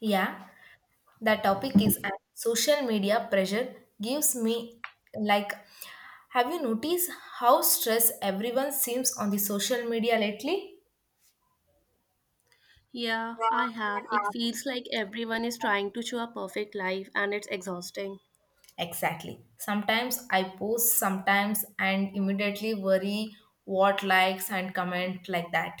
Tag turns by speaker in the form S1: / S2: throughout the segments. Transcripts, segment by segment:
S1: Yeah, the topic is and social media pressure gives me, like, have you noticed how stressed everyone seems on the social media lately?
S2: Yeah, I have. It feels like everyone is trying to show a perfect life and it's exhausting.
S1: Exactly. Sometimes I post sometimes and immediately worry what likes and comment like that.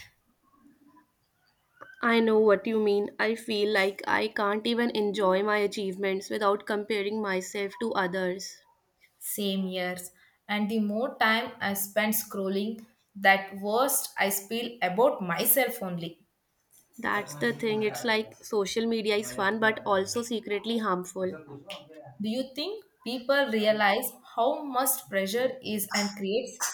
S2: I know what you mean. I feel like I can't even enjoy my achievements without comparing myself to others.
S1: Same years. And the more time I spend scrolling, that worst I feel about myself only.
S2: That's the thing. It's like social media is fun but also secretly harmful.
S1: Do you think people realize how much pressure is and creates?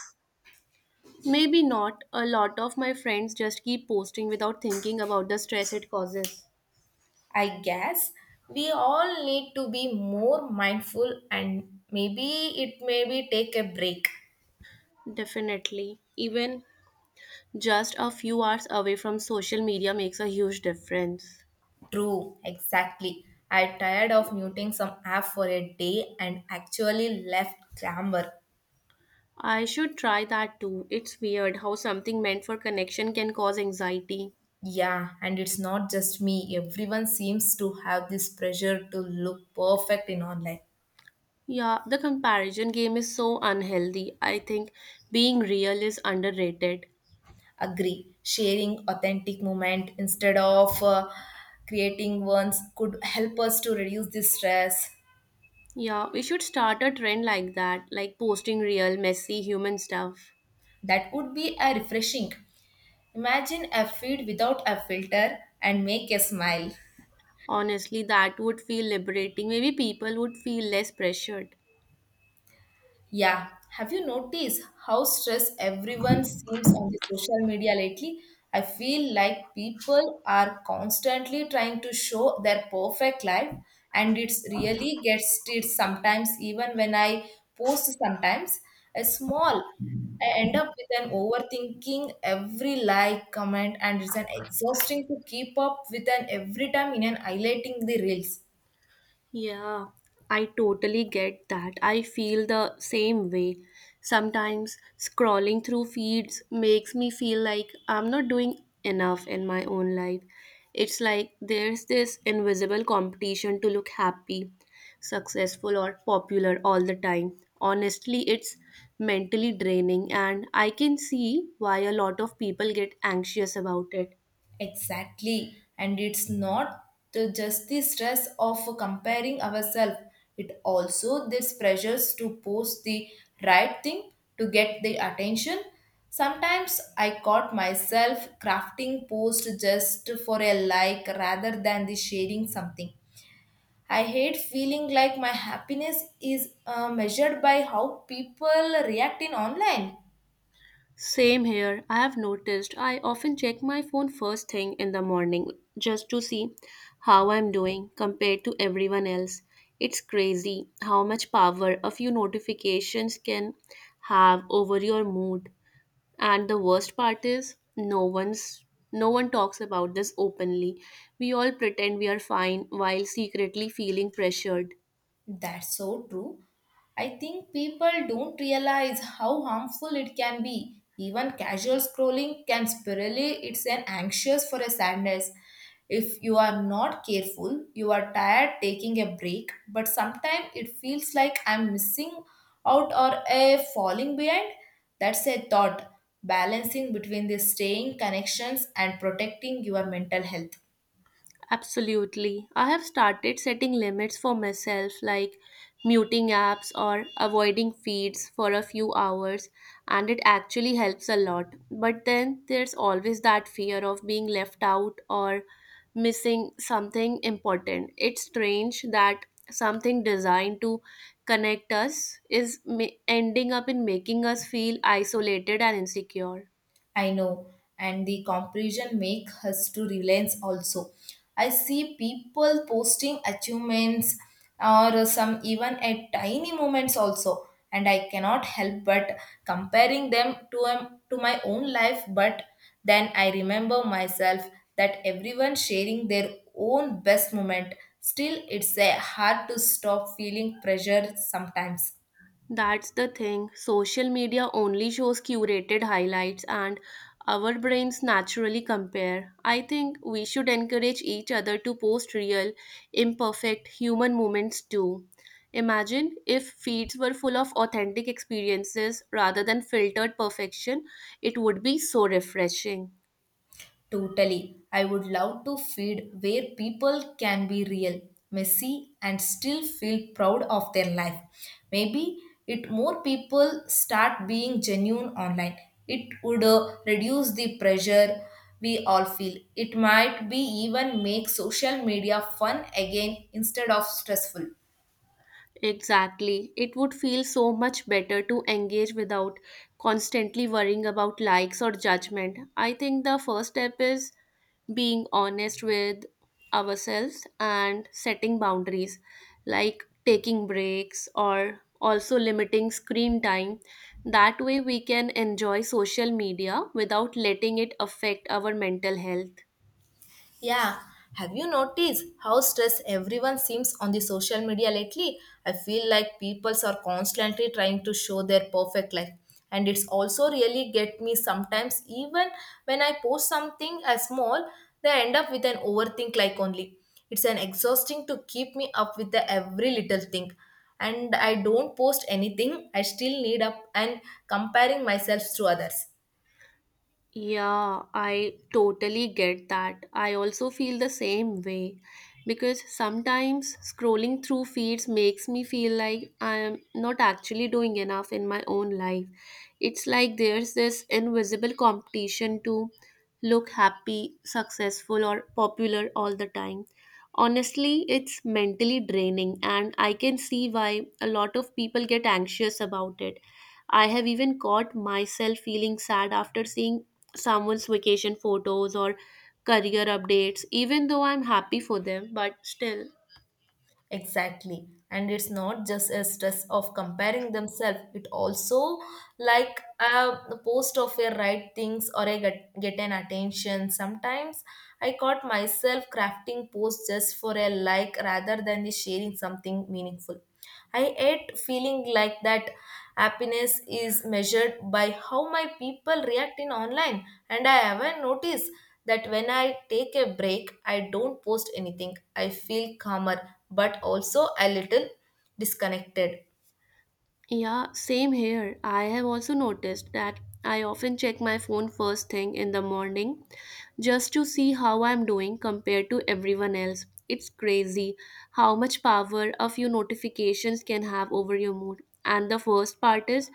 S2: Maybe not. A lot of my friends just keep posting without thinking about the stress it causes.
S1: I guess we all need to be more mindful and maybe it maybe take a break.
S2: Definitely. Even just a few hours away from social media makes a huge difference.
S1: True, exactly. I tired of muting some app for a day and actually left grammar.
S2: I should try that too. It's weird how something meant for connection can cause anxiety.
S1: Yeah, and it's not just me. Everyone seems to have this pressure to look perfect in online.
S2: Yeah, the comparison game is so unhealthy. I think being real is underrated.
S1: Agree. Sharing authentic moment instead of creating ones could help us to reduce this stress.
S2: Yeah, we should start a trend like that, like posting real, messy human stuff.
S1: That would be a refreshing. Imagine a feed without a filter and make a smile.
S2: Honestly, that would feel liberating. Maybe people would feel less pressured.
S1: Yeah, have you noticed how stressed everyone seems on the social media lately? I feel like people are constantly trying to show their perfect life and it's really gets it sometimes even when I post sometimes a small I end up with an overthinking every like, comment, and it's an exhausting to keep up with an every time in an highlighting the reels.
S2: Yeah, I totally get that. I feel the same way. Sometimes scrolling through feeds makes me feel like I'm not doing enough in my own life. It's like there's this invisible competition to look happy, successful, or popular all the time. Honestly, it's mentally draining, and I can see why a lot of people get anxious about it.
S1: Exactly. And it's not just the stress of comparing ourselves, it also this pressures to post the right thing to get the attention. Sometimes I caught myself crafting posts just for a like rather than the sharing something. I hate feeling like my happiness is measured by how people react in online.
S2: Same here. I have noticed I often check my phone first thing in the morning just to see how I'm doing compared to everyone else. It's crazy how much power a few notifications can have over your mood. And the worst part is no one talks about this openly. We all pretend we are fine while secretly feeling pressured.
S1: That's so true. I think people don't realize how harmful it can be. Even casual scrolling can spirally it's an anxious for a sadness. If you are not careful, you are tired taking a break, but sometimes it feels like I'm missing out or a falling behind. That's a thought balancing between the staying connections and protecting your mental health.
S2: Absolutely. I have started setting limits for myself, like muting apps or avoiding feeds for a few hours, and it actually helps a lot. But then there's always that fear of being left out or missing something important. It's strange that something designed to connect us ending up in making us feel isolated and insecure.
S1: I know, and the comparison make us to relance also. I see people posting achievements or some even at tiny moments also, and I cannot help but comparing them to my own life. But then I remember myself that everyone sharing their own best moment. Still, it's a hard to stop feeling pressure sometimes.
S2: That's the thing. Social media only shows curated highlights, and our brains naturally compare. I think we should encourage each other to post real, imperfect human moments too. Imagine if feeds were full of authentic experiences rather than filtered perfection, it would be so refreshing.
S1: Totally. I would love to feed where people can be real, messy, and still feel proud of their life. Maybe it more people start being genuine online. It would reduce the pressure we all feel. It might be even make social media fun again instead of stressful.
S2: Exactly. It would feel so much better to engage without constantly worrying about likes or judgment. I think the first step is being honest with ourselves and setting boundaries, like taking breaks or also limiting screen time. That way, we can enjoy social media without letting it affect our mental health.
S1: Yeah, have you noticed how stressed everyone seems on the social media lately? I feel like people are constantly trying to show their perfect life and it's also really get me sometimes even when I post something as small, they end up with an overthink like only. It's an exhausting to keep me up with the every little thing and I don't post anything, I still need up and comparing myself to others.
S2: Yeah, I totally get that. I also feel the same way because sometimes scrolling through feeds makes me feel like I am not actually doing enough in my own life. It's like there's this invisible competition to look happy, successful, or popular all the time. Honestly, it's mentally draining, and I can see why a lot of people get anxious about it. I have even caught myself feeling sad after seeing someone's vacation photos or career updates, even though I'm happy for them, but still.
S1: Exactly. And it's not just a stress of comparing themselves, it also like a post of a right things or a get an attention. Sometimes I caught myself crafting posts just for a like rather than the sharing something meaningful. I hate feeling like that happiness is measured by how my people react in online and I haven't noticed that when I take a break, I don't post anything. I feel calmer, but also a little disconnected.
S2: Yeah, same here. I have also noticed that I often check my phone first thing in the morning just to see how I'm doing compared to everyone else. It's crazy how much power a few notifications can have over your mood. And the first part is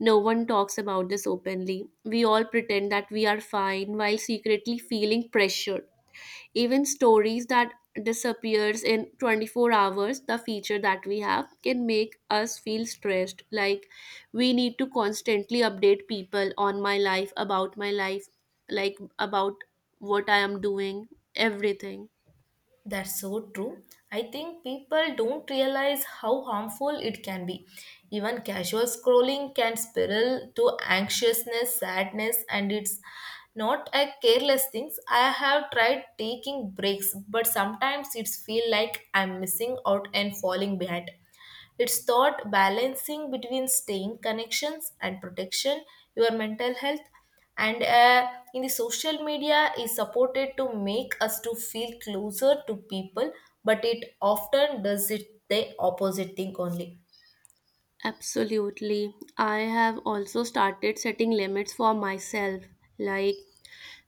S2: no one talks about this openly. We all pretend that we are fine while secretly feeling pressured. Even stories that disappears in 24 hours, the feature that we have can make us feel stressed like we need to constantly update people on my life, about my life, like about what I am doing, everything.
S1: That's so true. I think people don't realize how harmful it can be. Even casual scrolling can spiral to anxiousness, sadness, and it's not a careless thing. I have tried taking breaks, but sometimes it's feel like I'm missing out and falling behind. It's thought balancing between staying connections and protection, your mental health, and in the social media is supported to make us to feel closer to people, but it often does it the opposite thing only.
S2: Absolutely. I have also started setting limits for myself. Like,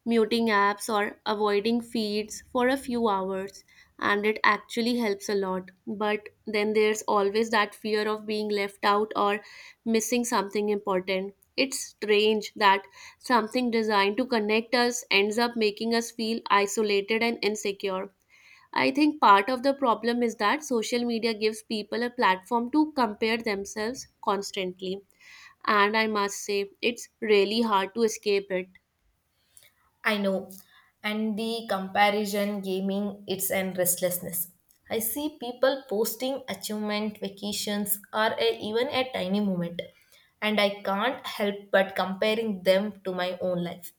S2: muting apps or avoiding feeds for a few hours, and it actually helps a lot. But then there's always that fear of being left out or missing something important. It's strange that something designed to connect us ends up making us feel isolated and insecure. I think part of the problem is that social media gives people a platform to compare themselves constantly, and I must say it's really hard to escape it.
S1: I know. And the comparison gaming, it's and restlessness. I see people posting achievement, vacations, or a, even a tiny moment, and I can't help but comparing them to my own life.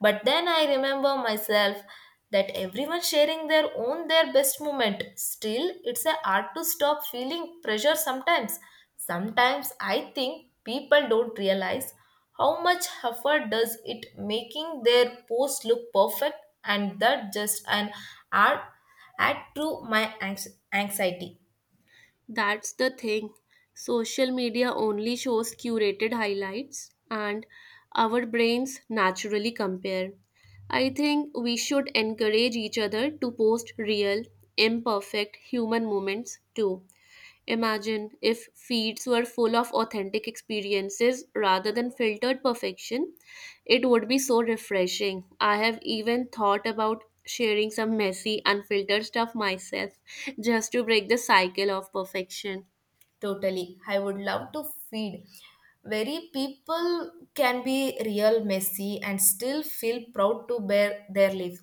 S1: But then I remember myself that everyone sharing their own their best moment. Still, it's a hard to stop feeling pressure sometimes. Sometimes I think people don't realize how much effort does it making their post look perfect and that just an art add to my anxiety.
S2: That's the thing. Social media only shows curated highlights, and our brains naturally compare. I think we should encourage each other to post real, imperfect human moments too. Imagine if feeds were full of authentic experiences rather than filtered perfection. It would be so refreshing. I have even thought about sharing some messy, unfiltered stuff myself just to break the cycle of perfection.
S1: Totally. I would love to feed very people can be real messy and still feel proud to bear their life.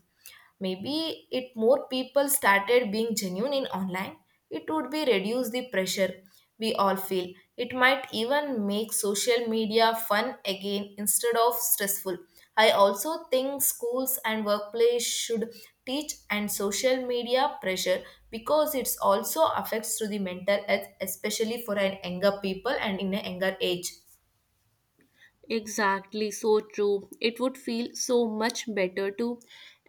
S1: Maybe if more people started being genuine in online, it would be reduce the pressure we all feel. It might even make social media fun again instead of stressful. I also think schools and workplace should teach and social media pressure because it's also affects to the mental health especially for an younger people and in a younger age.
S2: Exactly, so true. It would feel so much better to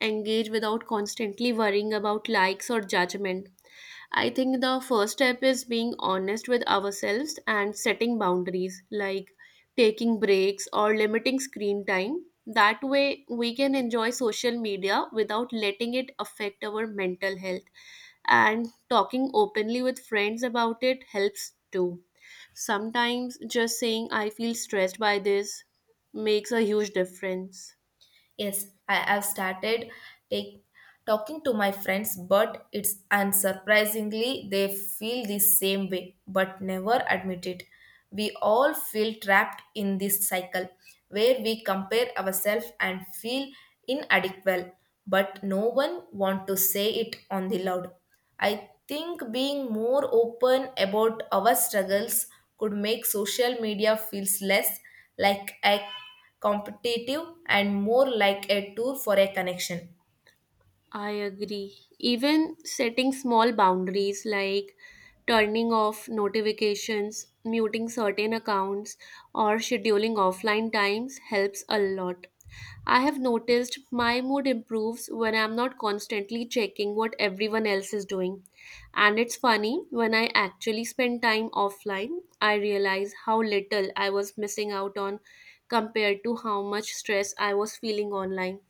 S2: engage without constantly worrying about likes or judgment. I think the first step is being honest with ourselves and setting boundaries, like taking breaks or limiting screen time. That way, we can enjoy social media without letting it affect our mental health. And talking openly with friends about it helps too. Sometimes just saying, "I feel stressed by this," makes a huge difference.
S1: Yes, I have started take, talking to my friends, but it's unsurprisingly they feel the same way, but never admit it. We all feel trapped in this cycle where we compare ourselves and feel inadequate, but no one want to say it on the loud. I think being more open about our struggles could make social media feels less like a competitive and more like a tool for a connection.
S2: I agree. Even setting small boundaries like turning off notifications, muting certain accounts, or scheduling offline times helps a lot. I have noticed my mood improves when I'm not constantly checking what everyone else is doing. And it's funny, when I actually spend time offline, I realize how little I was missing out on compared to how much stress I was feeling online.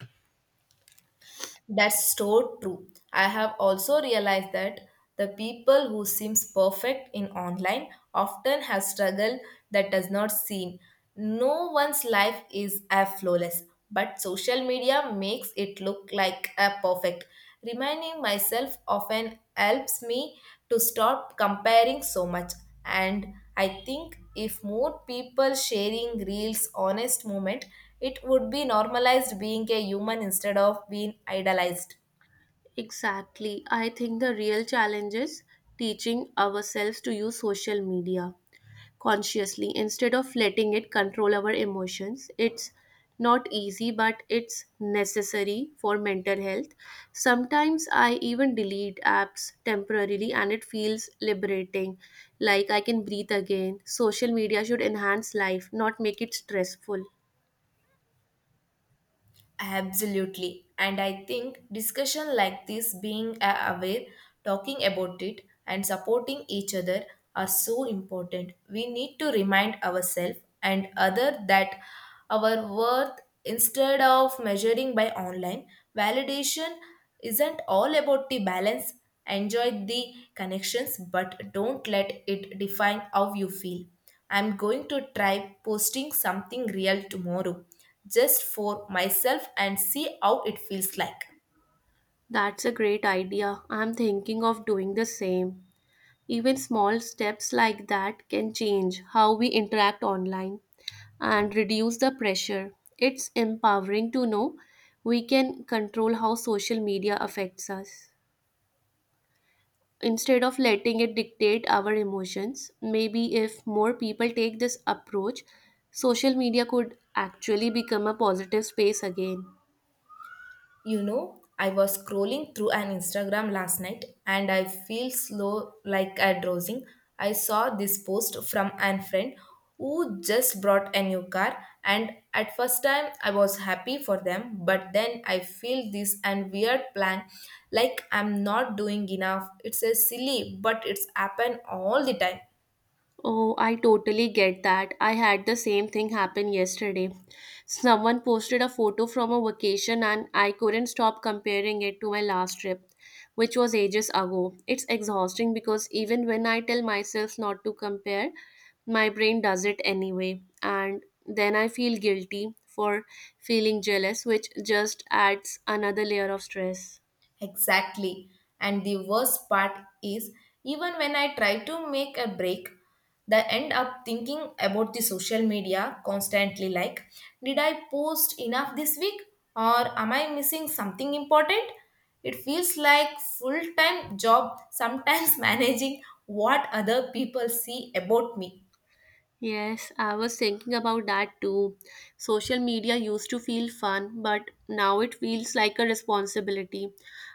S1: That's so true. I have also realized that the people who seems perfect in online often have struggle that does not seem. No one's life is as flawless, but social media makes it look like a perfect. Reminding myself often helps me to stop comparing so much. And I think if more people sharing reels honest moment, it would be normalized being a human instead of being idolized.
S2: Exactly. I think the real challenge is teaching ourselves to use social media consciously instead of letting it control our emotions. It's not easy, but it's necessary for mental health. Sometimes I even delete apps temporarily and it feels liberating, like I can breathe again. Social media should enhance life, not make it stressful.
S1: Absolutely. And I think discussion like this, being aware, talking about it, and supporting each other are so important. We need to remind ourselves and other that our worth instead of measuring by online validation isn't all about the balance. Enjoy the connections but don't let it define how you feel. I'm going to try posting something real tomorrow just for myself and see how it feels like.
S2: That's a great idea. I'm thinking of doing the same. Even small steps like that can change how we interact online and reduce the pressure. It's empowering to know we can control how social media affects us. Instead of letting it dictate our emotions, maybe if more people take this approach, social media could actually become a positive space again.
S1: You know, I was scrolling through an Instagram last night and I feel slow like a drowsing. I saw this post from an friend who just brought a new car and at first time I was happy for them but then I feel this and weird plan like I'm not doing enough. It's a silly but it's happen all the time.
S2: Oh, I totally get that. I had the same thing happen yesterday. Someone posted a photo from a vacation and I couldn't stop comparing it to my last trip, which was ages ago. It's exhausting because even when I tell myself not to compare, my brain does it anyway. And then I feel guilty for feeling jealous, which just adds another layer of stress.
S1: Exactly. And the worst part is, even when I try to make a break, I end up thinking about the social media constantly like, did I post enough this week or am I missing something important? It feels like full-time job sometimes managing what other people see about me.
S2: Yes, I was thinking about that too. Social media used to feel fun, but now it feels like a responsibility.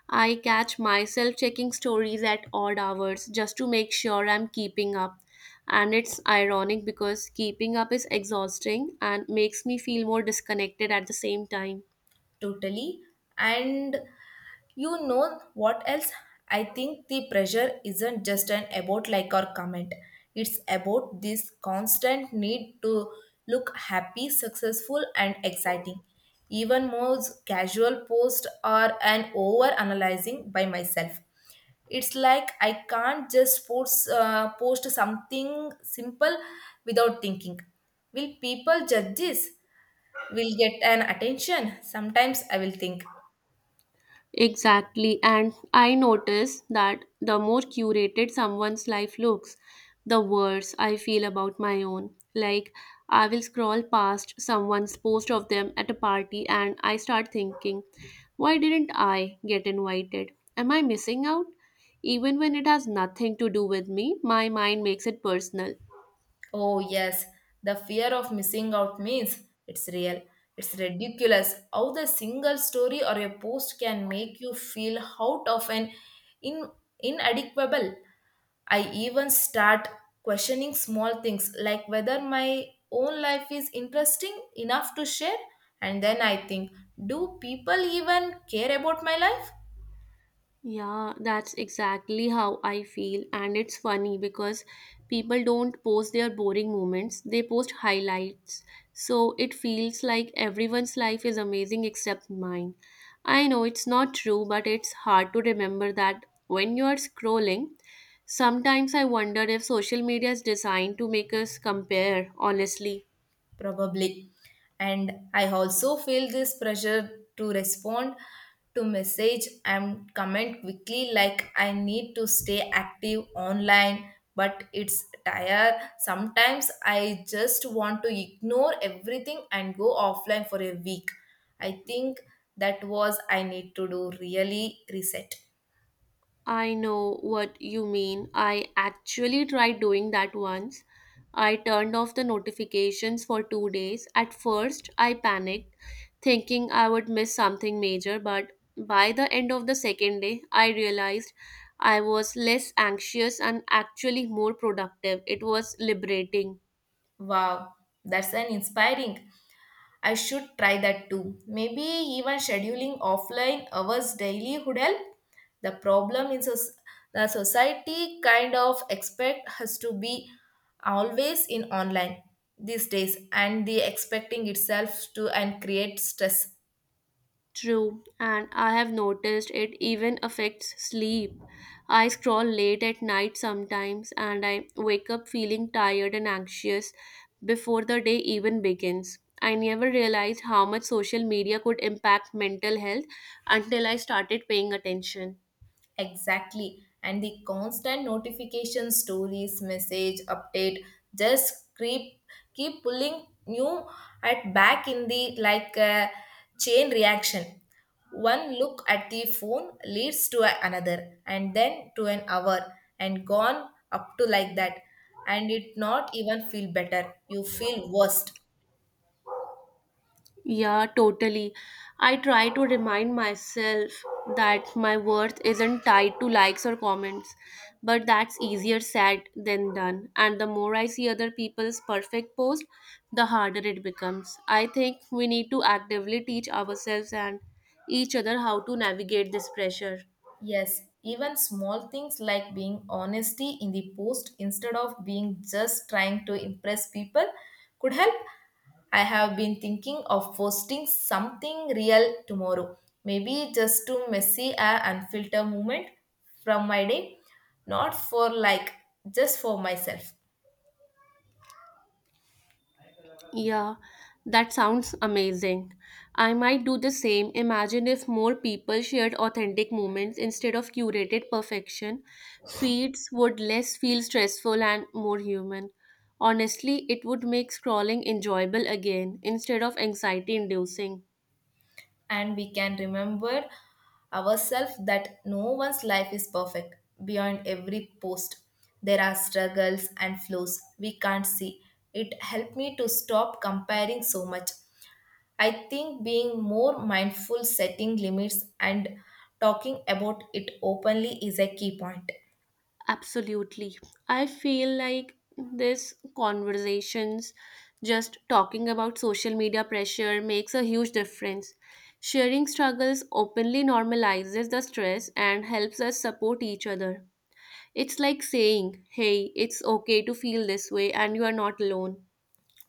S2: I catch myself checking stories at odd hours just to make sure I'm keeping up. And it's ironic because keeping up is exhausting and makes me feel more disconnected at the same time.
S1: Totally. And you know what else, I think the pressure isn't just an about like or comment. It's about this constant need to look happy, successful, and exciting. Even most casual posts are an over analyzing by myself. It's like I can't just post, post something simple without thinking, will people judge this, will get an attention. Sometimes I will think,
S2: Exactly. And I notice that the more curated someone's life looks, the worse I feel about my own. Like, I will scroll past someone's post of them at a party and I start thinking, why didn't I get invited? Am I missing out? Even when it has nothing to do with me, my mind makes it personal.
S1: oh yes, the fear of missing out means it's real. It's ridiculous how the single story or a post can make you feel out of an in inadequable. I even start questioning small things like whether my own life is interesting enough to share. And then I think, do people even care about my life?
S2: Yeah, that's exactly how I feel. And it's funny because people don't post their boring moments, they post highlights. So it feels like everyone's life is amazing except mine. I know it's not true, but it's hard to remember that when you are scrolling. Sometimes I wonder if social media is designed to make us compare, honestly.
S1: Probably. And I also feel this pressure to respond to message and comment quickly, like I need to stay active online but it's tired. Sometimes I just want to ignore everything and go offline for a week. I think that was I need to do really reset.
S2: I know what you mean. I actually tried doing that once. I turned off the notifications for 2 days. At first, I panicked, thinking I would miss something major, but by the end of the second day, I realized I was less anxious and actually more productive. It was liberating.
S1: Wow, that's an inspiring. I should try that too. Maybe even scheduling offline hours daily would help. The problem is the society kind of expect us to be always in online these days and the expecting itself to and create stress.
S2: True, and I have noticed it even affects sleep. I scroll late at night sometimes and I wake up feeling tired and anxious before the day even begins. I never realized how much social media could impact mental health until I started paying attention.
S1: Exactly. And the constant notification stories, message, update just keep pulling you at back in the like a chain reaction. One look at the phone leads to another and then to an hour and gone up to like that. And it not even feel better. You feel worse.
S2: Yeah, totally. I try to remind myself that my worth isn't tied to likes or comments, but that's easier said than done. And the more I see other people's perfect post, the harder it becomes. I think we need to actively teach ourselves and each other how to navigate this pressure.
S1: Yes, even small things like being honesty in the post instead of being just trying to impress people could help. I have been thinking of posting something real tomorrow, maybe just to messy a unfiltered moment from my day, not for like just for myself.
S2: Yeah, that sounds amazing. I might do the same. Imagine if more people shared authentic moments instead of curated perfection. Feeds would less feel stressful and more human. Honestly, it would make scrolling enjoyable again instead of anxiety inducing.
S1: And we can remember ourselves that no one's life is perfect. Beyond every post, there are struggles and flaws we can't see. It helped me to stop comparing so much. I think being more mindful, setting limits, and talking about it openly is a key point.
S2: Absolutely. I feel like this conversations just talking about social media pressure makes a huge difference. Sharing struggles openly normalizes the stress and helps us support each other. It's like saying, "Hey, it's okay to feel this way and you are not alone."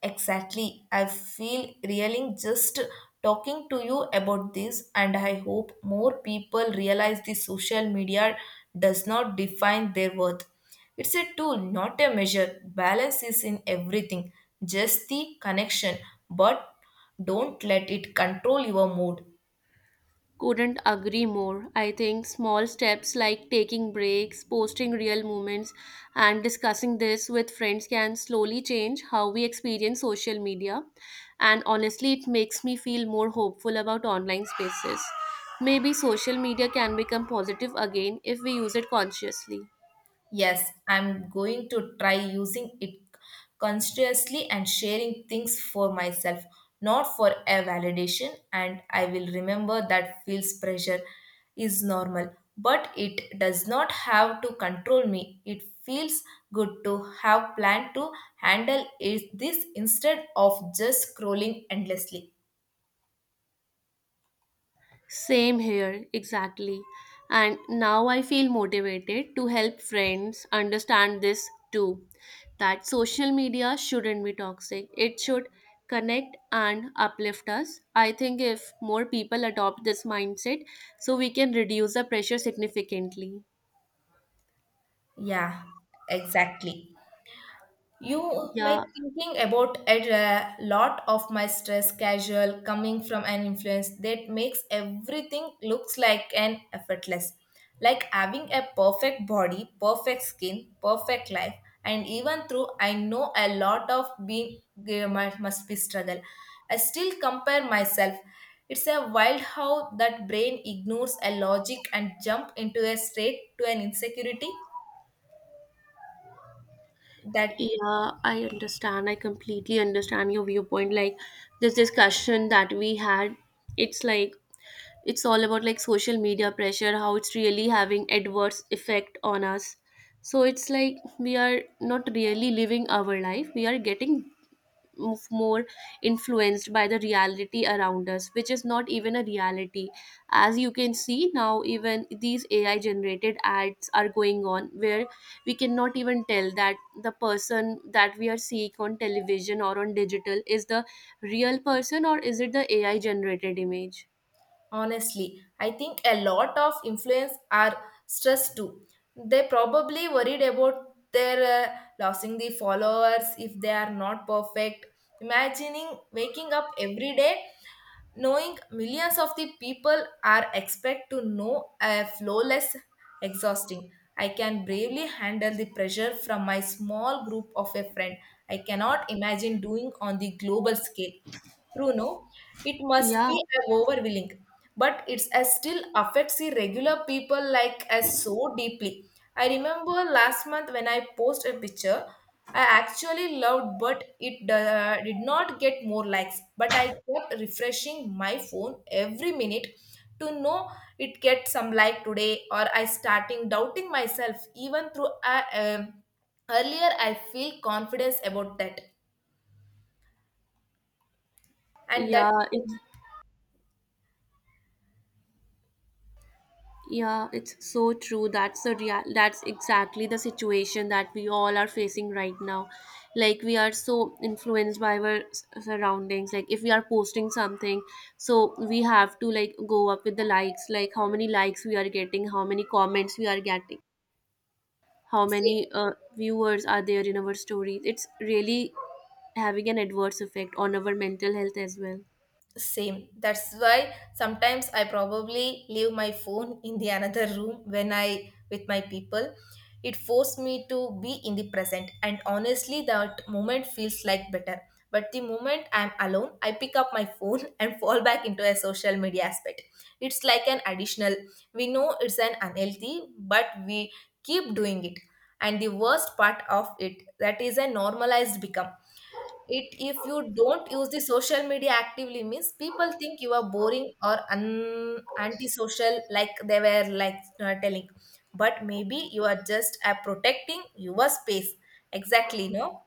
S1: Exactly. I feel reeling just talking to you about this, and I hope more people realize the social media does not define their worth. It's a tool, not a measure. Balance is in everything, just the connection, but don't let it control your mood.
S2: Couldn't agree more. I think small steps like taking breaks, posting real moments, and discussing this with friends can slowly change how we experience social media. And honestly, it makes me feel more hopeful about online spaces. Maybe social media can become positive again if we use it consciously.
S1: Yes, I'm going to try using it consciously and sharing things for myself, not for a validation. And I will remember that feels pressure is normal, but it does not have to control me. It feels good to have planned to handle it this instead of just scrolling endlessly.
S2: Same here, exactly. And now I feel motivated to help friends understand this too that social media shouldn't be toxic. It should connect and uplift us. I think if more people adopt this mindset, so we can reduce the pressure significantly.
S1: Yeah, exactly. You may
S2: Yeah,
S1: thinking about a lot of my stress casual coming from an influence that makes everything looks like an effortless. Like having a perfect body, perfect skin, perfect life, and even though I know a lot of being there must be struggle, I still compare myself. It's a wild how that brain ignores a logic and jump into a straight to an insecurity that.
S2: yeah, I understand. I completely understand your viewpoint. Like this discussion that we had, it's like it's all about like social media pressure how it's really having adverse effect on us, so it's like we are not really living our life, we are getting more influenced by the reality around us, which is not even a reality. As you can see, now even these AI generated ads are going on where we cannot even tell that the person that we are seeing on television or on digital is the real person or is it the AI generated image.
S1: Honestly, I think a lot of influence are stressed too. They probably worried about their losing the followers if they are not perfect. Imagining waking up every day knowing millions of the people are expect to know a flawless exhausting. I can bravely handle the pressure from my small group of a friend. I cannot imagine doing on the global scale. Bruno, it must
S2: Yeah.
S1: be a overwhelming, but it still affects the regular people like us so deeply. I remember last month when I posted a picture, I actually loved, but it did not get more likes. But I kept refreshing my phone every minute to know it gets some like today, or I starting doubting myself even through. I, earlier, I feel confidence about that, and that.
S2: Yeah, it's yeah, it's so true. That's exactly the situation that we all are facing right now. Like we are so influenced by our surroundings. Like if we are posting something, so we have to like go up with the likes, like how many likes we are getting, how many comments we are getting, how many viewers are there in our stories. It's really having an adverse effect on our mental health as well.
S1: Same. That's why sometimes I probably leave my phone in the another room when I with my people. It forced me to be in the present and honestly that moment feels like better. But the moment I'm alone, I pick up my phone and fall back into a social media aspect. It's like an additional. We know it's an unhealthy, but we keep doing it. And the worst part of it that is a normalized become it if you don't use the social media actively means people think you are boring or antisocial like they were like telling but maybe you are just protecting your space exactly no.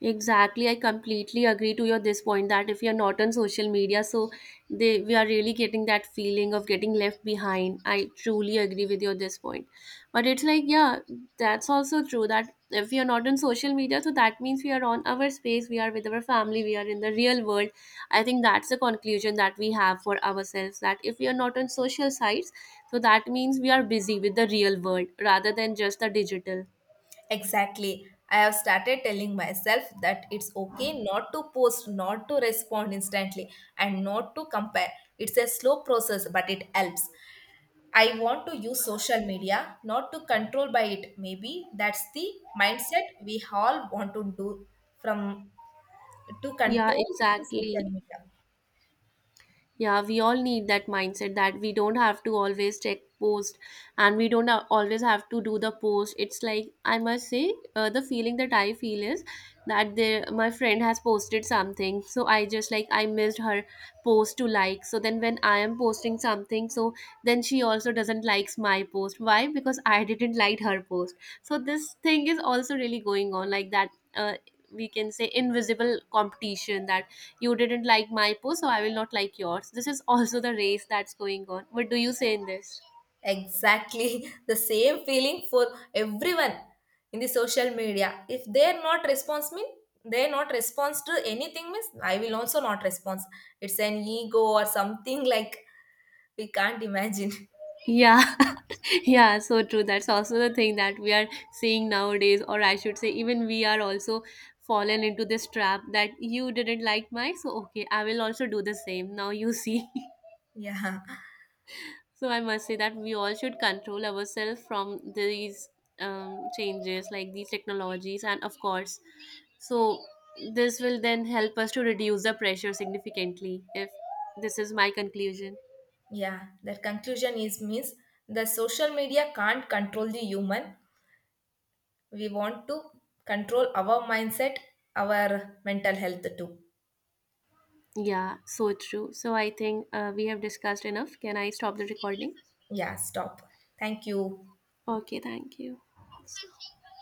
S2: Exactly, I completely agree to your this point that if you're not on social media, so they we are really getting that feeling of getting left behind. I truly agree with your this point. But it's like, yeah, that's also true that if we are not on social media, so that means we are on our space, we are with our family, we are in the real world. I think that's the conclusion that we have for ourselves that if we are not on social sites, so that means we are busy with the real world rather than just the digital.
S1: Exactly. I have started telling myself that it's okay not to post, not to respond instantly, and not to compare. It's a slow process, but it helps. I want to use social media, not to control by it. Maybe that's the mindset we all want to do from to
S2: Yeah,
S1: control the social
S2: exactly.
S1: media.
S2: Yeah, we all need that mindset that we don't have to always check post, and we don't always have to do the post. It's like, I must say, the feeling that I feel is that there, my friend has posted something. So I just like, I missed her post to like. So then when I am posting something, so then she also doesn't likes my post. Why? Because I didn't like her post. So this thing is also really going on, like that we can say invisible competition, that you didn't like my post, so I will not like yours. This is also the race that's going on. What do you say in this?
S1: Exactly the same feeling for everyone in the social media. If they're not response mean they're not response to anything means I will also not response. It's an ego or something like we can't imagine.
S2: Yeah. Yeah, so true. That's also the thing that we are seeing nowadays, or I should say even we are also fallen into this trap that you didn't like my, so okay, I will also do the same, now you see.
S1: Yeah.
S2: So I must say that we all should control ourselves from these changes, like these technologies, and of course, so this will then help us to reduce the pressure significantly. If this is my conclusion,
S1: Yeah. That conclusion is means the social media can't control the human. We want to control our mindset, our mental health too.
S2: yeah, so true. So I think we have discussed enough. Can I stop the recording?
S1: Yeah, stop. Thank you.
S2: Okay, thank you.